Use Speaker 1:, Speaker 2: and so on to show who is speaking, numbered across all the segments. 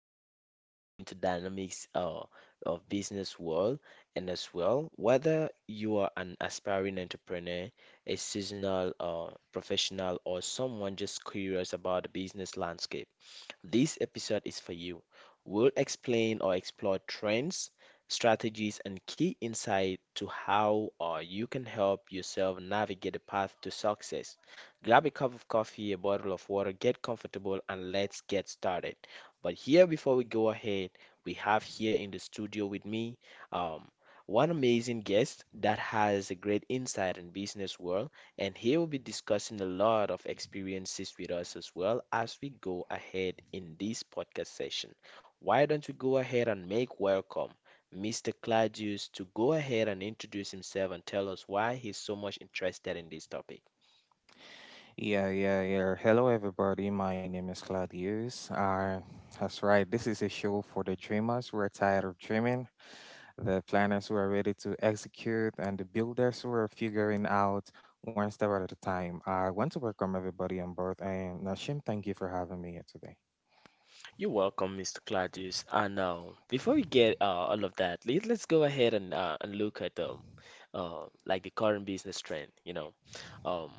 Speaker 1: today we're diving into dynamics of business world, and as well, whether you are an aspiring entrepreneur, a seasonal professional, or someone just curious about the business landscape. This episode is for you. We'll explain or explore trends, strategies, and key insight to how or you can help yourself navigate the path to success. Grab a cup of coffee, a bottle of water, get comfortable, and let's get started. But here, before we go ahead, we have here in the studio with me um, one amazing guest that has a great insight in business world, and he will be discussing a lot of experiences with us as well as we go ahead in this podcast session. Why don't we go ahead and make welcome Mr. Claudius to go ahead and introduce himself and tell us why he's so much interested in this topic?
Speaker 2: Yeah, yeah, yeah. Hello, everybody. My name is Claudius. That's right. This is a show for the dreamers who are tired of dreaming, the planners who are ready to execute, and the builders who are figuring out one step at a time. I want to welcome everybody on board. And Nashim, thank you for having me here today.
Speaker 1: You're welcome, Mr. Claudius. I know. Before we get all of that, let's go ahead and look at like the current business trend. You know, um,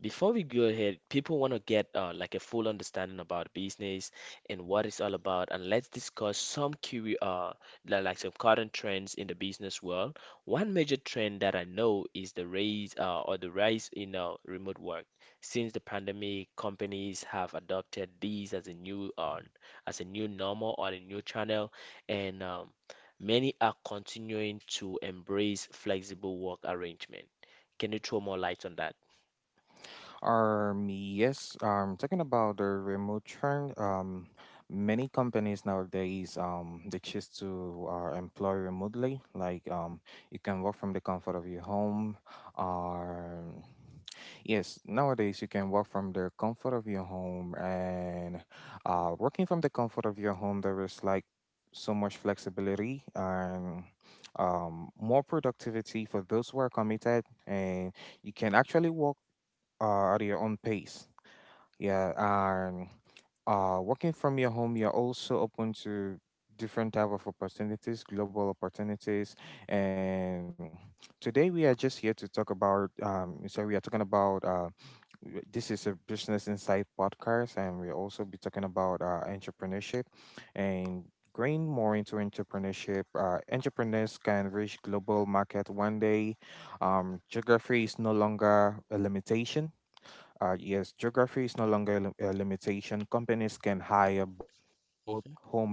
Speaker 1: before we go ahead, people want to get like a full understanding about business and what it's all about, and let's discuss some key like some current trends in the business world. One major trend that I know is the rise in remote work. Since the pandemic, companies have adopted these as a new normal or a new channel, and many are continuing to embrace flexible work arrangement. Can you throw more light on that?
Speaker 2: Yes, talking about the remote trend, many companies nowadays, they choose to employ remotely. Like, you can work from the comfort of your home. Or yes, nowadays you can work from the comfort of your home, and working from the comfort of your home, there is like so much flexibility and more productivity for those who are committed, and you can actually work at your own pace. Yeah, and working from your home, you're also open to different type of opportunities, global opportunities. And today we are just here to talk about. So we are talking about. This is a business insight podcast, and we'll also be talking about entrepreneurship and. Going more into entrepreneurship, entrepreneurs can reach global market one day. Geography is no longer a limitation yes, geography is no longer a a limitation. Companies can hire both home
Speaker 1: Hmm.
Speaker 2: and abroad.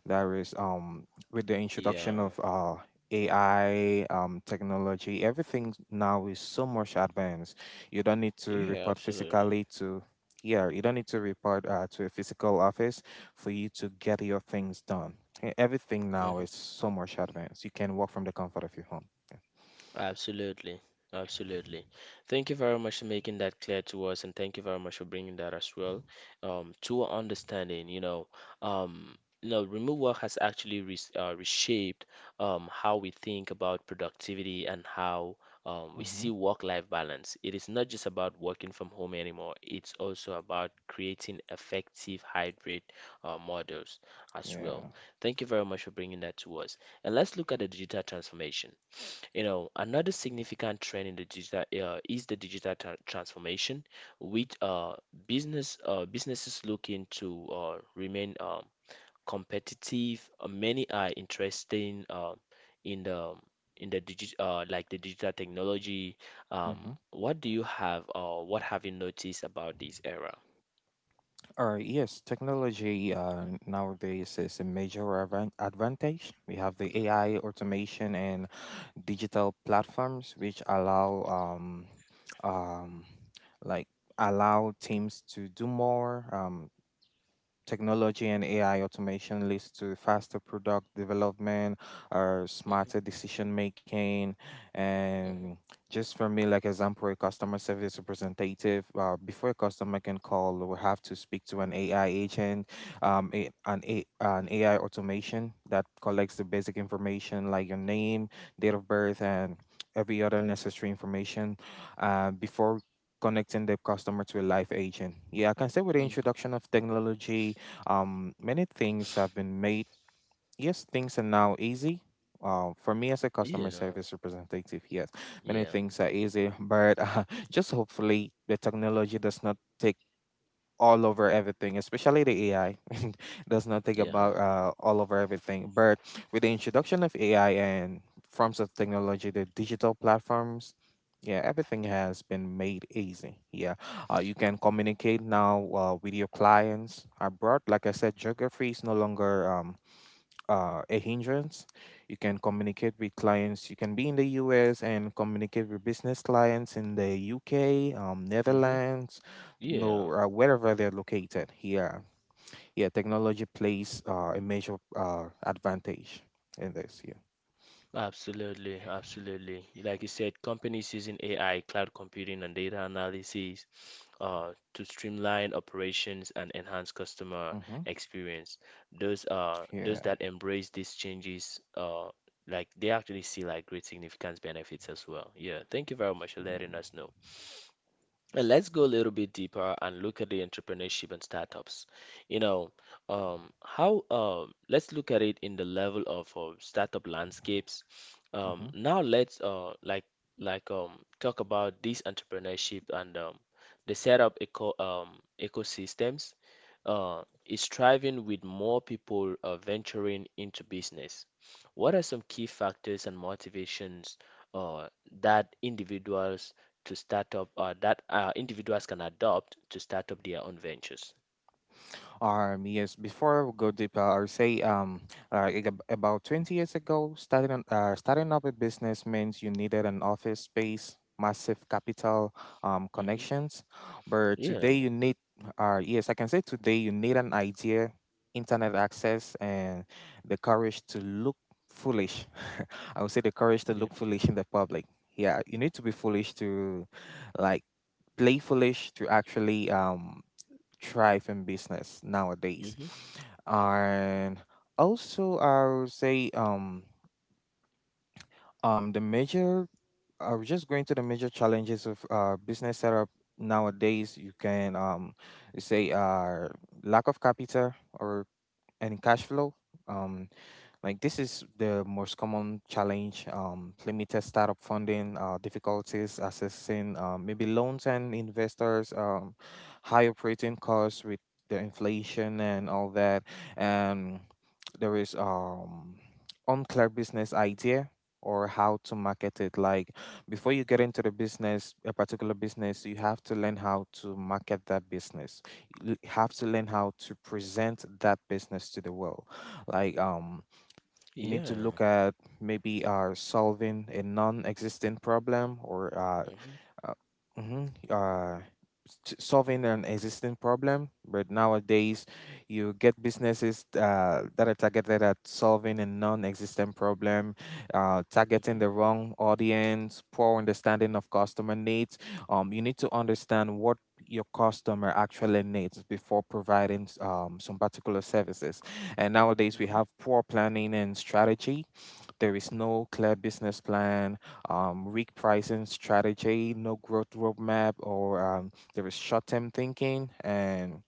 Speaker 2: There is with the
Speaker 1: Yeah,
Speaker 2: introduction of AI technology, everything now is so much advanced. You don't need to
Speaker 1: yeah,
Speaker 2: report
Speaker 1: absolutely.
Speaker 2: physically to yeah, you don't need to report to a physical office for you to get your things done. Everything now
Speaker 1: Hmm.
Speaker 2: is so much advanced. You can work from the comfort of your home. Yeah.
Speaker 1: Absolutely. Absolutely. Thank you very much for making that clear to us, and thank you very much for bringing that as well, to our understanding. You know, remote work has actually re reshaped how we think about productivity, and how we
Speaker 2: Mm-hmm.
Speaker 1: see work-life balance. It is not just about working from home anymore. It's also about creating effective hybrid models as well.
Speaker 2: Yeah.
Speaker 1: Thank you very much for bringing that to us. And let's look at the digital transformation. You know, another significant trend in the digital is the digital transformation, which businesses looking to remain competitive. Many are interested in the digi like the digital technology.
Speaker 2: Mm-hmm.
Speaker 1: What do you have or what have you noticed about this era?
Speaker 2: Or yes, technology nowadays is a major advantage. We have the AI automation and digital platforms which allow um, um, like allow teams to do more. Technology and AI automation leads to faster product development or
Speaker 1: Hmm.
Speaker 2: smarter decision making.
Speaker 1: Hmm.
Speaker 2: And just for me, like example, a customer service representative, before a customer can call, we have to speak to an AI agent, a, an AI automation that collects the basic information like your name, date of birth, and every other necessary information before connecting the customer to a live agent. Yeah, I can say with the
Speaker 1: Hmm.
Speaker 2: introduction of technology many things have been made. Yes, things are now easy. For me as a
Speaker 1: Yeah,
Speaker 2: customer service representative, yes, many
Speaker 1: yeah,
Speaker 2: things are easy, but just hopefully the technology does not take all over everything, especially the AI. And there's nothing
Speaker 1: yeah.
Speaker 2: about all over everything. But with the introduction of AI and forms of technology, the digital platforms, yeah, everything has been made easy. Yeah, you can communicate now with your clients abroad. Like I said, geography is no longer a hindrance. You can communicate with clients. You can be in the US and communicate with business clients in the UK,
Speaker 1: Hmm.
Speaker 2: Netherlands, no,
Speaker 1: Yeah.
Speaker 2: wherever they're located. Yeah, yeah. Technology plays a major advantage in this. Yeah.
Speaker 1: Absolutely, absolutely. Like you said, companies using AI, cloud computing, and data analysis to streamline operations and enhance customer
Speaker 2: Mm-hmm.
Speaker 1: experience. Those
Speaker 2: Yeah.
Speaker 1: that embrace these changes, like they actually see like great significant benefits as well. Yeah, thank you very much for letting
Speaker 2: Yeah.
Speaker 1: us know. Let's go a little bit deeper and look at the entrepreneurship and startups. You know, let's look at it in the level of startup landscapes.
Speaker 2: Mm-hmm.
Speaker 1: Now let's like talk about this entrepreneurship and the setup eco ecosystems is thriving with more people venturing into business. What are some key factors and motivations uh, that individuals to start up, or that individuals can adopt to start up their own ventures?
Speaker 2: Yes, before we go deeper, I would say about 20 years ago, starting up a business means you needed an office space, massive capital,
Speaker 1: Hmm.
Speaker 2: connections. But
Speaker 1: Yeah.
Speaker 2: today you need, yes, I can say today you need an idea, internet access, and the courage to look foolish. I would say the courage to
Speaker 1: Yeah.
Speaker 2: look foolish in the public. Yeah, you need to be foolish to like play foolish to actually thrive in business nowadays.
Speaker 1: Hmm.
Speaker 2: And also, I would say the major, I was just going to the major challenges of business setup nowadays. You can say lack of capital or any cash flow. Um, like this is the most common challenge: limited startup funding, difficulties accessing maybe loans and investors, high operating costs with the inflation and all that, and there is unclear business idea or how to market it. Like before you get into the business, a particular business, you have to learn how to market that business. You have to learn how to present that business to the world. Like you need to
Speaker 1: Yeah.
Speaker 2: look at maybe solving a non-existent problem or
Speaker 1: Hmm.
Speaker 2: uh, mhm, uh, solving an existing problem. But nowadays, you get businesses that are targeted at solving a non-existent problem, targeting
Speaker 1: Hmm.
Speaker 2: the wrong audience, poor understanding of customer needs. You need to understand what your customer actually needs before providing some particular services. And nowadays, we
Speaker 1: Hmm.
Speaker 2: have poor planning and strategy. There is no clear business plan, weak pricing strategy, no growth roadmap, or there is short term thinking. And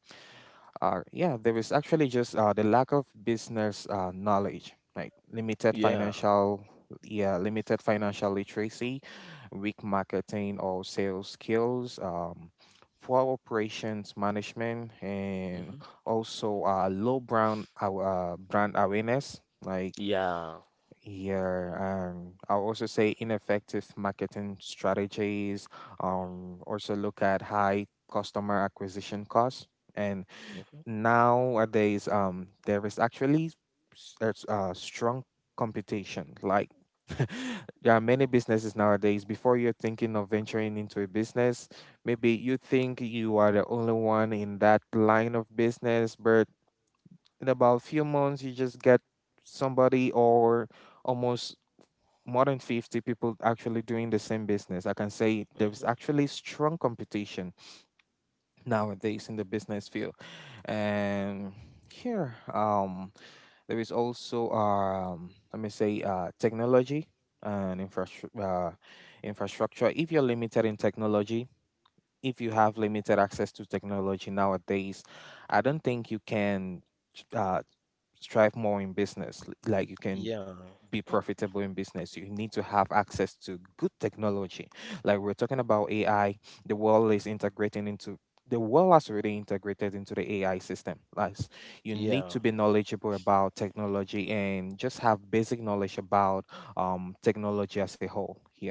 Speaker 2: yeah, there is actually just the lack of business knowledge, like limited
Speaker 1: Yeah.
Speaker 2: financial. Yeah, limited financial literacy, weak marketing or sales skills, poor operations management, and
Speaker 1: Hmm.
Speaker 2: also low brand aw- brand awareness. Like
Speaker 1: Yeah.
Speaker 2: yeah, I'll also say ineffective marketing strategies. Also look at high customer acquisition costs. And
Speaker 1: Hmm.
Speaker 2: nowadays, there is actually s- there's strong competition. Like there are many businesses nowadays. Before you're thinking of venturing into a business, maybe you think you are the only one in that line of business, but in about a few months, you just get somebody or almost more than 50 people actually doing the same business. I can say there's
Speaker 1: Hmm.
Speaker 2: actually strong competition nowadays in the business field. And here, there is also, let me say, technology and infrastructure. Infrastructure. If you're limited in technology, if you have limited access to technology nowadays, I don't think you can uh, strive more in business. Like you can
Speaker 1: Yeah.
Speaker 2: be profitable in business, you need to have access to good technology. Like we're talking about AI, the world is integrating into the world has already integrated into the AI system. Like you need to
Speaker 1: Yeah.
Speaker 2: be knowledgeable about technology and just have basic knowledge about technology as a whole. Yeah.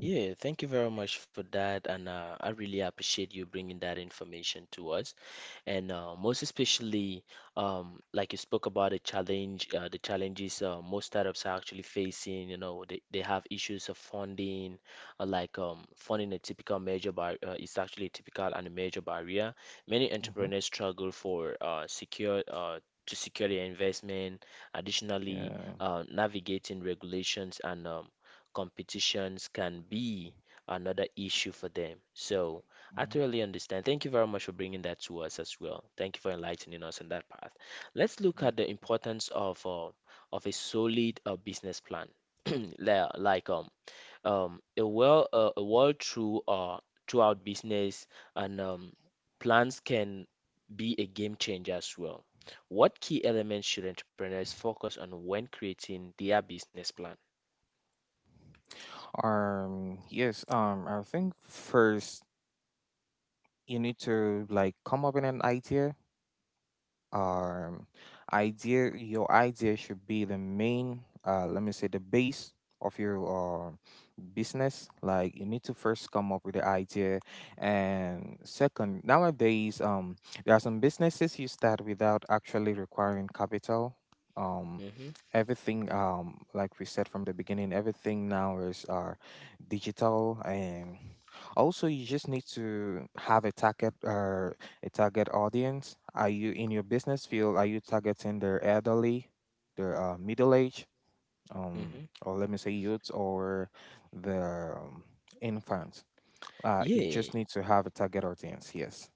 Speaker 1: Yeah. Thank you very much for that, and I really appreciate you bringing that information to us. And most especially, like you spoke about the challenges most startups are actually facing. You know, they have issues of funding, funding a typical major bar is actually a typical and a major barrier. Many
Speaker 2: Hmm.
Speaker 1: entrepreneurs struggle for secure to secure their investment. Additionally,
Speaker 2: Yeah.
Speaker 1: navigating regulations and competitions can be another issue for them. So I
Speaker 2: Mhm.
Speaker 1: totally understand. Thank you very much for bringing that to us as well. Thank you for enlightening us on that path. Let's look at
Speaker 2: Mm.
Speaker 1: the importance of a solid business plan. Li- Like um a well through throughout business and plans can be a game changer as well. What key elements should entrepreneurs focus on when creating their business plan?
Speaker 2: Yes. I think first you need to like come up with an idea, um your idea should be the main let me say the base of your business. Like you need to first come up with the idea, and second nowadays there are some businesses you start without actually requiring capital. um
Speaker 1: Hmm.
Speaker 2: Everything, like we said from the beginning, everything now is digital. And also you just need to have a target audience. Are you in your business field, are you targeting the elderly, the middle age,
Speaker 1: Hmm.
Speaker 2: or let me say youths or the um, infants? It just
Speaker 1: Yeah.
Speaker 2: needs to have a target audience, yes.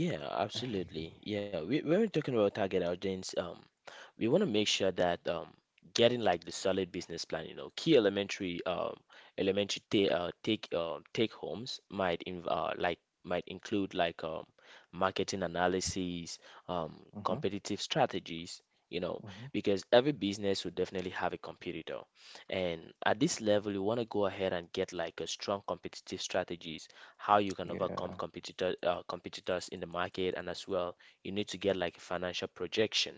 Speaker 1: Yeah, absolutely. Yeah, when we're talking about target audience, we want to make sure that getting like the solid business plan, you know, key elementary elementary ta take take homes might include like marketing analysis, um,
Speaker 2: Mm-hmm,
Speaker 1: competitive strategies, you know,
Speaker 2: mm-hmm.
Speaker 1: because every business will definitely have a competitor. And at this level, you want to go ahead and get like a strong competitive strategies, how you can overcome
Speaker 2: Yeah.
Speaker 1: competitors in the market. And as well, you need to get like a financial projection,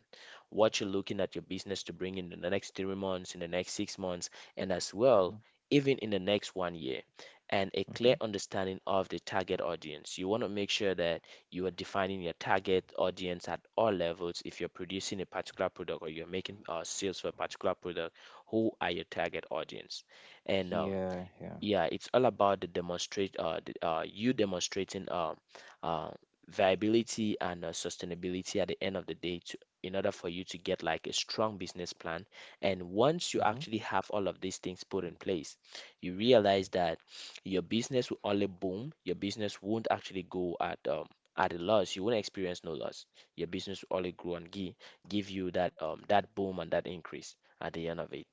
Speaker 1: what you're looking at your business to bring in the next 3 months, in the next 6 months, and as
Speaker 2: Mm-hmm,
Speaker 1: well even in the next one year, and a clear
Speaker 2: mm-hmm.
Speaker 1: understanding of the target audience. You want to make sure that you are defining your target audience at all levels. If you're producing a particular product or you're making sales for a particular product, who are your target audience? And
Speaker 2: Yeah, yeah.
Speaker 1: yeah, it's all about you demonstrating uh, viability and sustainability at the end of the day, in order for you to get like a strong business plan. And once you
Speaker 2: Mm-hmm.
Speaker 1: actually have all of these things put in place, you realize that your business will only boom. Your business won't actually go at a loss. You won't experience no loss. Your business will only grow and give you that that boom and that increase at the end of it.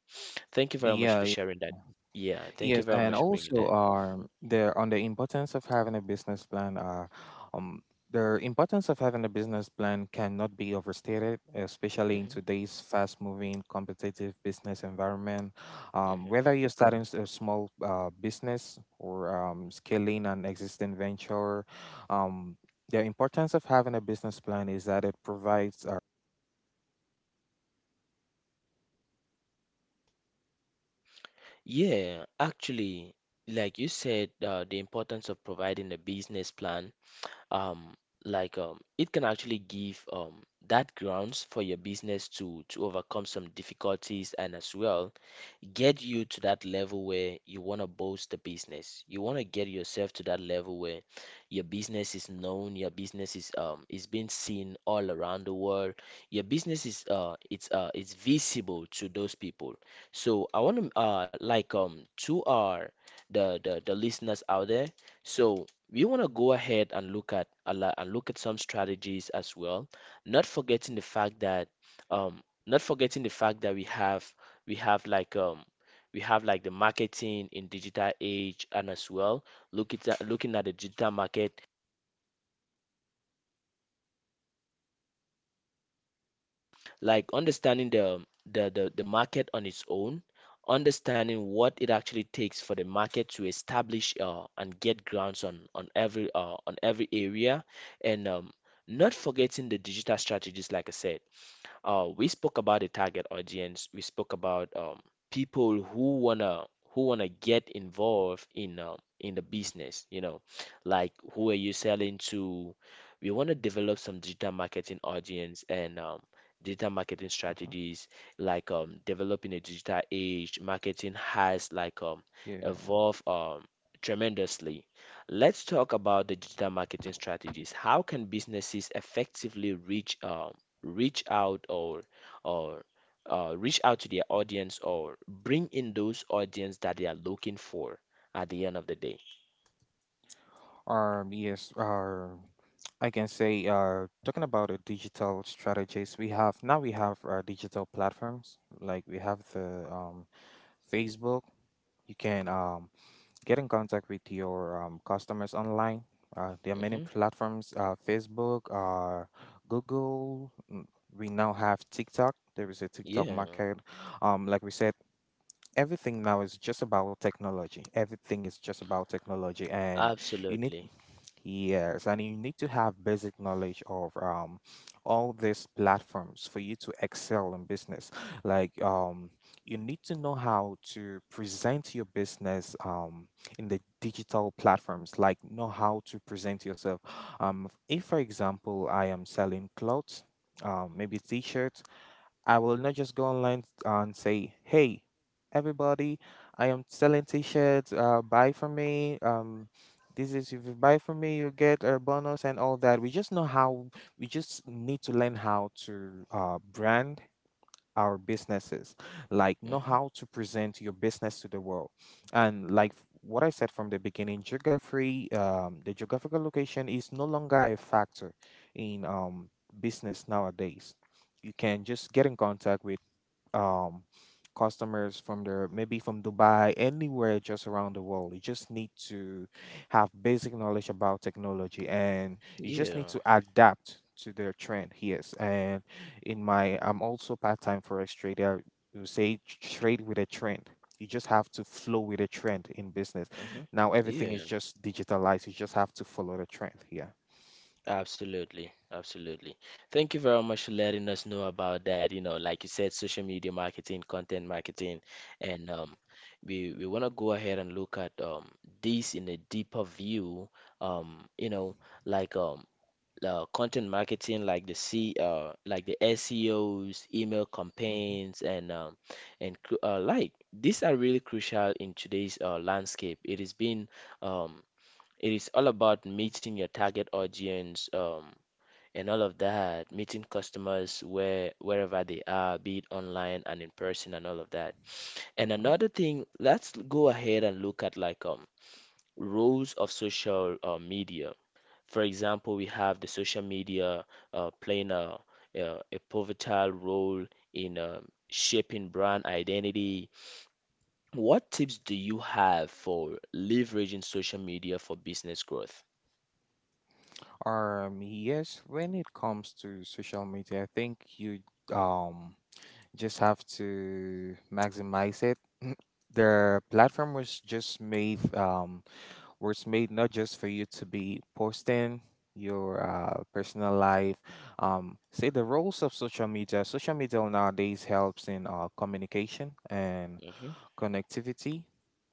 Speaker 1: Thank you very much for
Speaker 2: Yeah,
Speaker 1: sharing that. Yeah, thank you
Speaker 2: yes,
Speaker 1: very
Speaker 2: and
Speaker 1: much for bringing that.
Speaker 2: also there on the importance of having a business plan. Um, the importance of having a business plan cannot be overstated, especially in
Speaker 1: Hmm.
Speaker 2: today's fast-moving, competitive business environment.
Speaker 1: Hmm.
Speaker 2: Whether you're starting a small business or scaling an existing venture, um, the importance of having a business plan is that it provides
Speaker 1: Yeah, actually, like you said, the importance of providing a business plan, um it can actually give that grounds for your business to overcome some difficulties, and as well get you to that level where you want to boost the business. You want to get yourself to that level where your business is known, your business is being seen all around the world. Your business is it's visible to those people. So I want to to our, the listeners out there. So we want to go ahead and look at some strategies as well, not forgetting the fact that um not forgetting the fact that we have like um we have like the marketing in digital age, and as well look at looking at the digital market, like understanding the market on its own, understanding what it actually takes for the market to establish and get grounds on on every area. And not forgetting the digital strategies, like I said, we spoke about the target audience. We spoke about people who wanna get involved in the business. You know, like who are you selling to? We wanna develop some digital marketing audience and digital marketing
Speaker 2: Mhm.
Speaker 1: strategies. Like developing a digital age, marketing has like
Speaker 2: Yeah.
Speaker 1: evolved tremendously. Let's talk about the digital marketing strategies. How can businesses effectively reach out or reach out to their audience, or bring in those audience that they are looking for at the end of the day?
Speaker 2: Yes. I can say. Talking about the digital strategies, we have digital platforms. Like we have the Facebook. You can get in contact with your customers online. There are many
Speaker 1: Hmm.
Speaker 2: platforms. Facebook. Google. Mm, we now have TikTok. There is a TikTok
Speaker 1: Yeah,
Speaker 2: market. Like we said, everything now is just about technology. Everything is just about technology, and you need
Speaker 1: absolutely.
Speaker 2: yes, and you need to have basic knowledge of all these platforms for you to excel in business. Like you need to know how to present your business in the digital platforms. Like know how to present yourself. If, for example, I am selling clothes, maybe t-shirts. I will not just go online and say, "Hey, everybody, I am selling t-shirts. Buy from me. This is if you buy from me, you get a bonus and all that." We just know how. We just need to learn how to brand our businesses, like know
Speaker 1: Hmm.
Speaker 2: how to present your business to the world. And like what I said from the beginning, geography, the geographical location is no longer a factor in business nowadays. You can just get in contact with um customers from their maybe from Dubai, anywhere just around the world. You just need to have basic knowledge about technology, and you just
Speaker 1: Yeah.
Speaker 2: need to adapt to their trend. Yes. And in my I'm also part-time forex trader. You say trade with a trend. You just have to flow with a trend in business.
Speaker 1: Hmm.
Speaker 2: Now everything
Speaker 1: Yeah,
Speaker 2: is just digitalized. You just have to follow the trend. Yeah.
Speaker 1: absolutely. Absolutely. Thank you very much for letting us know about that. You know, like you said, social media marketing, content marketing, and we want to go ahead and look at this in a deeper view. You know, like content marketing, like the C like the SEOs, email
Speaker 2: Mm-hmm,
Speaker 1: campaigns, and like these are really crucial in today's landscape. It is been, um, it is all about meeting your target audience, and all of that, meeting customers where wherever they are, be it online and in person and all of that. And
Speaker 2: mm-hmm.
Speaker 1: another thing, let's go ahead and look at like roles of social media. For example, we have the social media playing a pivotal role in shaping brand identity. What tips do you have for leveraging social media for business growth?
Speaker 2: Yes, when it comes to social media, I think you um just have to maximize it. The platform was just made not just for you to be posting your personal life. Say the roles of social media. Social media nowadays helps in communication and
Speaker 1: Hmm.
Speaker 2: connectivity.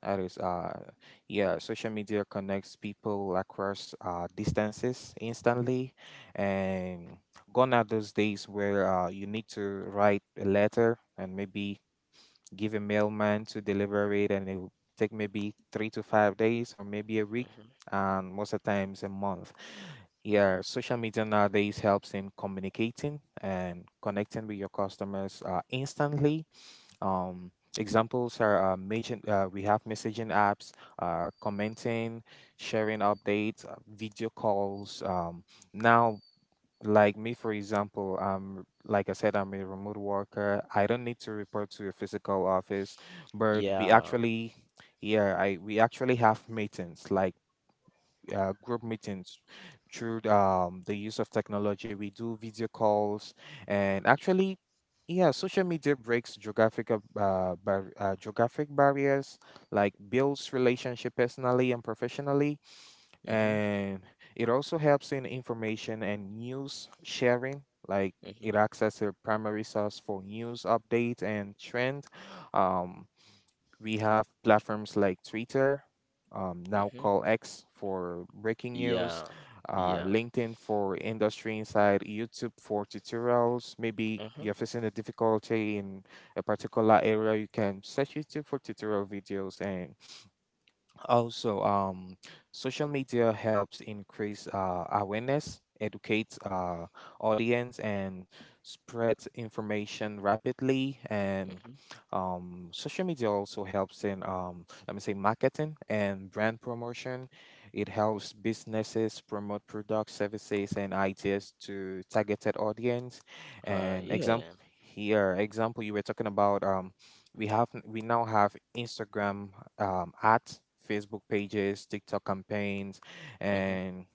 Speaker 2: That is, yeah, social media connects people across distances instantly. And gone are those days where you need to write a letter and maybe give a mailman to deliver it, and it will take maybe 3 to 5 days or maybe a week,
Speaker 1: Hmm.
Speaker 2: and most of the times a month. Yeah,
Speaker 1: Hmm.
Speaker 2: social media nowadays helps in communicating and connecting with your customers instantly. Um, examples are messaging, we have messaging apps, commenting, sharing updates, video calls. Now, like me, for example, like I said, I'm a remote worker. I don't need to report to a physical office, but we
Speaker 1: Yeah.
Speaker 2: actually, yeah, I we actually have meetings like group meetings through the use of technology. We do video calls, and actually, yeah, social media breaks geographic barriers, like builds relationship personally and professionally,
Speaker 1: Hmm.
Speaker 2: and it also helps in information and news sharing, like. It
Speaker 1: Hmm.
Speaker 2: acts as a primary source for news updates and trend. Um, we have platforms like Twitter, now
Speaker 1: Hmm.
Speaker 2: called X for breaking news,
Speaker 1: Yeah. Yeah.
Speaker 2: LinkedIn for industry insight, YouTube for tutorials. Maybe
Speaker 1: Hmm.
Speaker 2: you're facing a difficulty in a particular area, you can search YouTube for tutorial videos. And also, social media helps increase awareness, educates audience, and spreads information rapidly. And
Speaker 1: Hmm.
Speaker 2: social media also helps in, let me say, marketing and brand promotion. It helps businesses promote products, services, and ideas to targeted audience. And
Speaker 1: Yeah.
Speaker 2: example here, example you were talking about. We now have Instagram ads, Facebook pages, TikTok campaigns,
Speaker 1: Hmm.
Speaker 2: and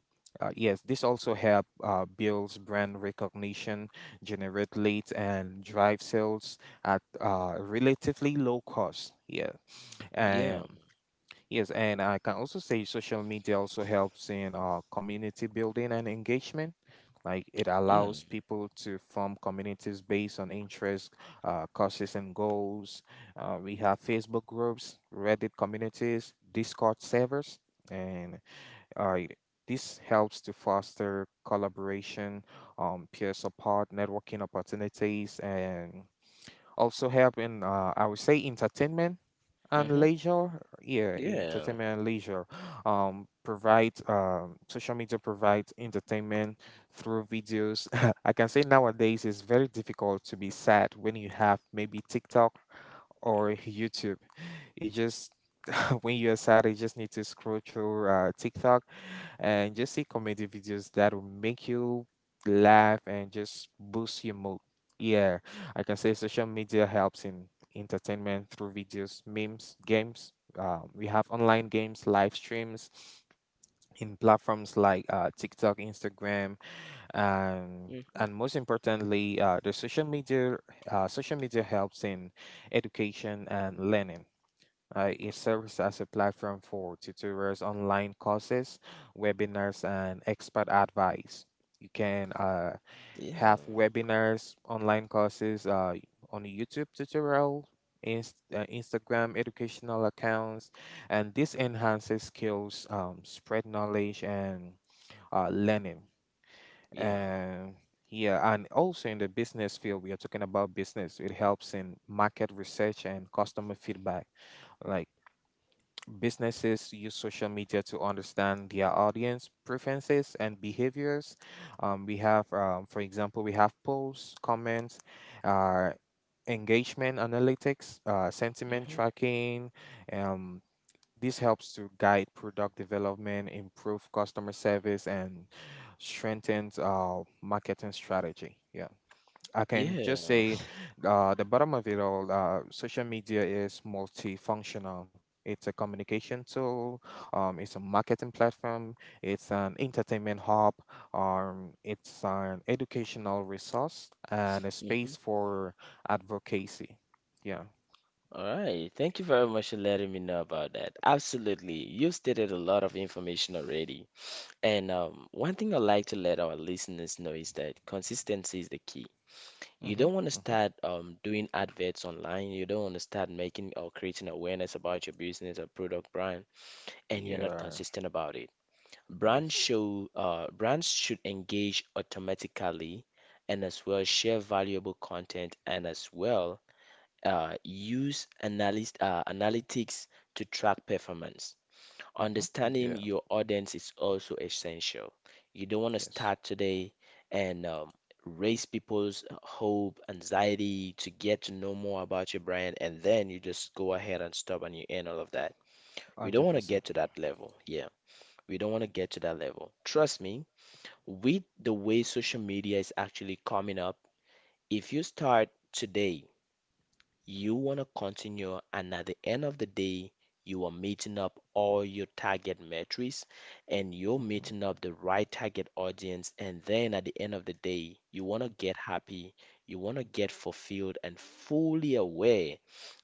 Speaker 2: yes, this also help builds brand recognition, generate leads, and drive sales at relatively low cost. Yeah,
Speaker 1: Yeah.
Speaker 2: um, yes, and I can also say social media also helps in community building and engagement. Like it allows
Speaker 1: Yeah.
Speaker 2: people to form communities based on interests, causes, and goals. We have Facebook groups, Reddit communities, Discord servers, and uh, this helps to foster collaboration, peer support, networking opportunities, and also help in, I would say, entertainment and
Speaker 1: Hmm.
Speaker 2: leisure yeah
Speaker 1: Yeah.
Speaker 2: entertainment and leisure Social media provides entertainment through videos. I can say nowadays it's very difficult to be sad when you have maybe TikTok or YouTube. It just When you're sad, you just need to scroll through TikTok and just see comedy videos that will make you laugh and just boost your mood. Yeah, I can say social media helps in entertainment through videos, memes, games. We have online games, live streams in platforms like TikTok, Instagram, and
Speaker 1: Hmm.
Speaker 2: and most importantly, the social media helps in education and learning. It serves as a platform for tutorials, online courses, webinars, and expert advice. You can
Speaker 1: Yeah.
Speaker 2: have webinars, online courses on YouTube tutorial, Instagram educational accounts, and this enhances skills, spread knowledge, and learning.
Speaker 1: Yeah.
Speaker 2: And yeah, and also in the business field, we are talking about business. It helps in market research and customer feedback, like businesses use social media to understand their audience preferences and behaviors. We have, for example, we have polls, comments, uh, engagement analytics, sentiment
Speaker 1: Hmm.
Speaker 2: tracking. Um, this helps to guide product development, improve customer service, and strengthens marketing strategy. Yeah. I can just
Speaker 1: Yeah.
Speaker 2: say, the bottom of it all, social media is multifunctional. It's a communication tool, it's a marketing platform, it's an entertainment hub, it's an educational resource, and a
Speaker 1: Hmm.
Speaker 2: space for advocacy. Yeah.
Speaker 1: All right. Thank you very much for letting me know about that. Absolutely. You stated a lot of information already. And One thing I'd like to let our listeners know is that consistency is the key. You
Speaker 2: Mm-hmm.
Speaker 1: don't want to
Speaker 2: Mm-hmm.
Speaker 1: start doing adverts online. You don't want to start making or creating awareness about your business or product brand, and you're not
Speaker 2: Yeah.
Speaker 1: consistent about it.
Speaker 2: Yes.
Speaker 1: Brands should engage automatically and as well share valuable content, and as well analytics to track performance.
Speaker 2: Mm-hmm.
Speaker 1: Understanding
Speaker 2: Yeah.
Speaker 1: your audience is also essential. You don't want to
Speaker 2: Yes.
Speaker 1: start today and raise people's hope, anxiety to get to know more about your brand, and then you just go ahead and stop and you end all of that. We don't want to get
Speaker 2: 100%.
Speaker 1: to that level. Yeah, we don't want to get to that level. Trust me, with the way social media is actually coming up, if you start today, you want to continue, and at the end of the day you are meeting up all your target metrics and you're
Speaker 2: Mm-hmm.
Speaker 1: meeting up the right target audience, and then at the end of the day you want to get happy, you want to get fulfilled and fully aware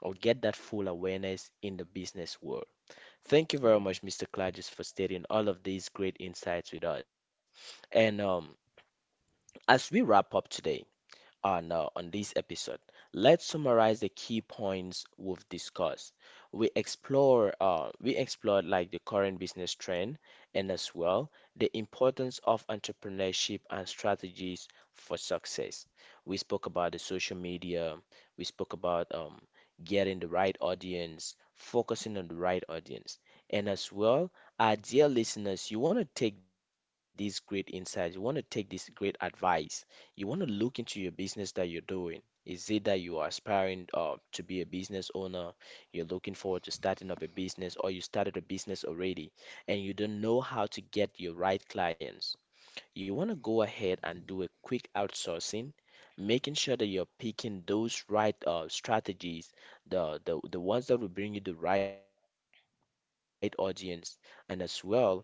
Speaker 1: or get that full awareness in the business world. Thank you very much,
Speaker 2: Yes.
Speaker 1: Mr. Clarges, for stating all of these great insights with us. And As we wrap up today on this episode. Let's summarize the key points we've discussed. We explored, like, the current business trend, and as well the importance of entrepreneurship and strategies for success. We spoke about the social media, we spoke about getting the right audience, focusing on the right audience. And as well, our dear listeners, you want to take these great insights, you want to take this great advice, you want to look into your business that you're doing. Is it that you are aspiring to be a business owner? You're looking forward to starting up a business, or you started a business already and you don't know how to get your right clients. You want to go ahead and do a quick outsourcing, making sure that you're picking those right strategies, the ones that will bring you the right audience, and as well, you should focus on that.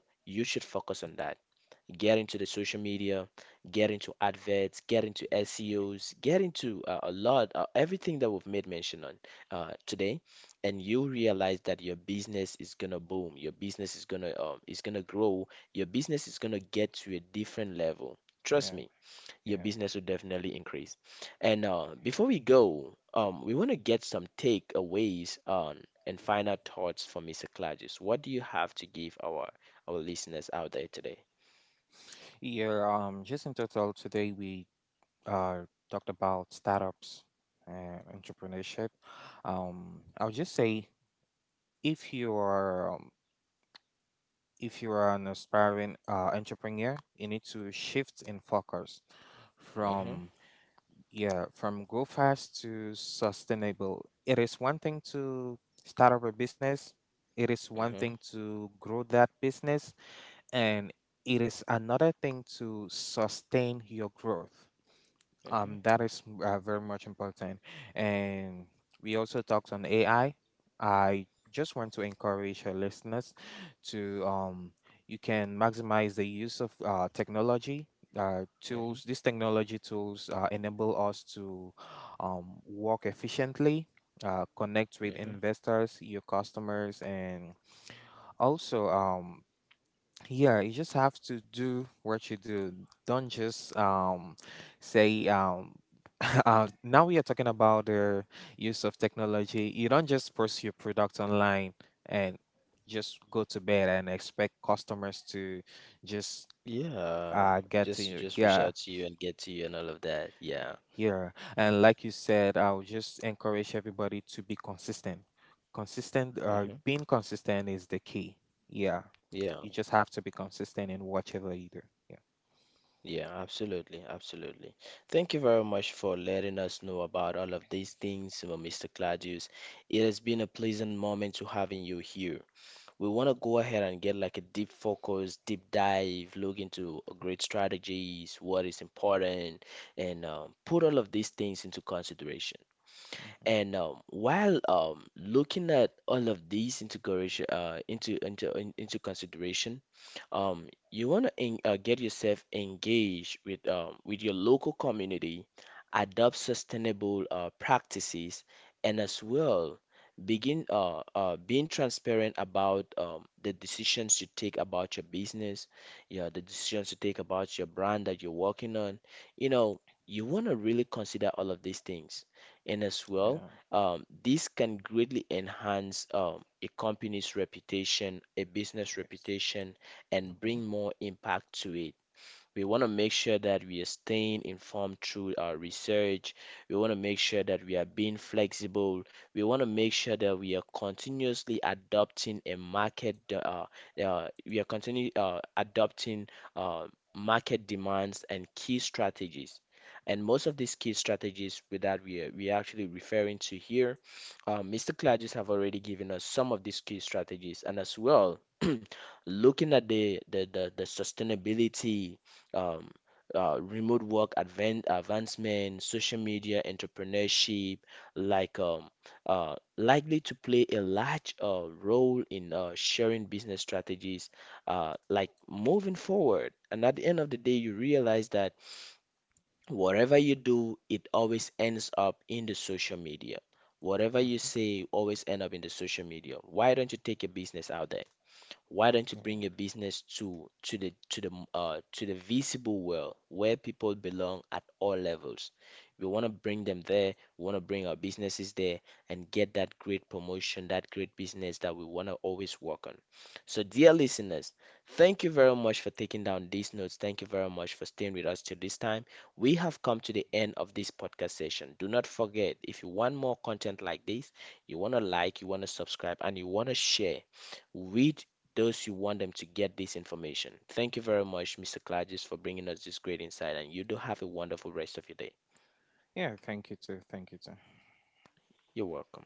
Speaker 1: Get into the social media, get into adverts, get into SEOs, get into everything that we've made mention on today, and you realize that your business is gonna boom, your business is gonna grow, your business is gonna get to a different level. Trust me,
Speaker 2: Yeah.
Speaker 1: your
Speaker 2: Yeah.
Speaker 1: business will definitely increase. And Before we go, we want to get some takeaways on and final thoughts from Mr. Clarges. What do you have to give our listeners out there today?
Speaker 2: Yeah. Just in total, today we uh talked about startups and entrepreneurship. I'll just say if you are an aspiring entrepreneur, you need to shift in focus
Speaker 1: Mm-hmm,
Speaker 2: from yeah from go fast to sustainable. It is one thing to start up a business. It is one
Speaker 1: mm-hmm,
Speaker 2: thing to grow that business, and it is another thing to sustain your growth.
Speaker 1: mm-hmm,
Speaker 2: That is very much important. And we also talked on AI. I I just want to encourage your listeners to you can maximize the use of technology.
Speaker 1: mm-hmm,
Speaker 2: Tools these technology tools enable us to work efficiently connect with
Speaker 1: mm-hmm.
Speaker 2: investors your customers and also yeah, you just have to do what you do. Don't just say. Now we are talking about the use of technology. You don't just post your product online and just go to bed and expect customers to just
Speaker 1: Yeah,
Speaker 2: get to
Speaker 1: just
Speaker 2: you
Speaker 1: just reach
Speaker 2: here
Speaker 1: out to you and get to you and all of that. Yeah.
Speaker 2: here. And like you said, I'll just encourage everybody to be consistent. Consistent uh
Speaker 1: Mm-hmm.
Speaker 2: being consistent is the key. Yeah.
Speaker 1: Yeah.
Speaker 2: You just have to be consistent in whatever you do. Yeah.
Speaker 1: Yeah, absolutely, absolutely. Thank you very much for letting us know about all of these things, Mr. Claudius. It has been a pleasant moment to having you here. We want to go ahead and get like a deep focus, deep dive, look into great strategies, what is important, and put all of these things into consideration.
Speaker 2: Hmm.
Speaker 1: And while looking at all of these into into consideration, you want to get yourself engaged with your local community, adopt sustainable practices, and as well begin being transparent about the decisions you take about your business, yeah, the decisions you take about your brand that you're working on. You know, you want to really consider all of these things, and as well,
Speaker 2: Yeah.
Speaker 1: this can greatly enhance a company's reputation, a business
Speaker 2: Yes.
Speaker 1: reputation, and
Speaker 2: Hmm.
Speaker 1: bring more impact to it. We want to make sure that we are staying informed through our research. We want to make sure that we are being flexible. We want to make sure that we are continuously adopting we are continually adopting uh, market demands and key strategies. And most of these key strategies with that we are actually referring to here, Mr. Clarges have already given us some of these key strategies, and as well, looking at the the sustainability, um, remote work advancement, social media entrepreneurship, like um, likely to play a large role in sharing business strategies, like moving forward. And at the end of the day, you realize that whatever you do, it always ends up in the social media. Whatever you
Speaker 2: Hmm.
Speaker 1: say always end up in the social media. Why don't you take your business out there? Why don't you
Speaker 2: Yeah.
Speaker 1: bring your business to the visible world where people belong at all levels? We want to bring them there, we want to bring our businesses there and get that great promotion, that great business that we want to always work on. So, dear listeners, thank you very much for taking down these notes. Thank you very much for staying with us till this time. We have come to the end of this podcast session. Do not forget, if you want more content like this, you want to like, you want to subscribe, and you want to share with those you want them to get this information. Thank you very much, Mr. Clarges, for bringing us this great insight, and you do have a wonderful rest of your day.
Speaker 2: Yeah. Thank you too. Thank you too.
Speaker 1: You're welcome.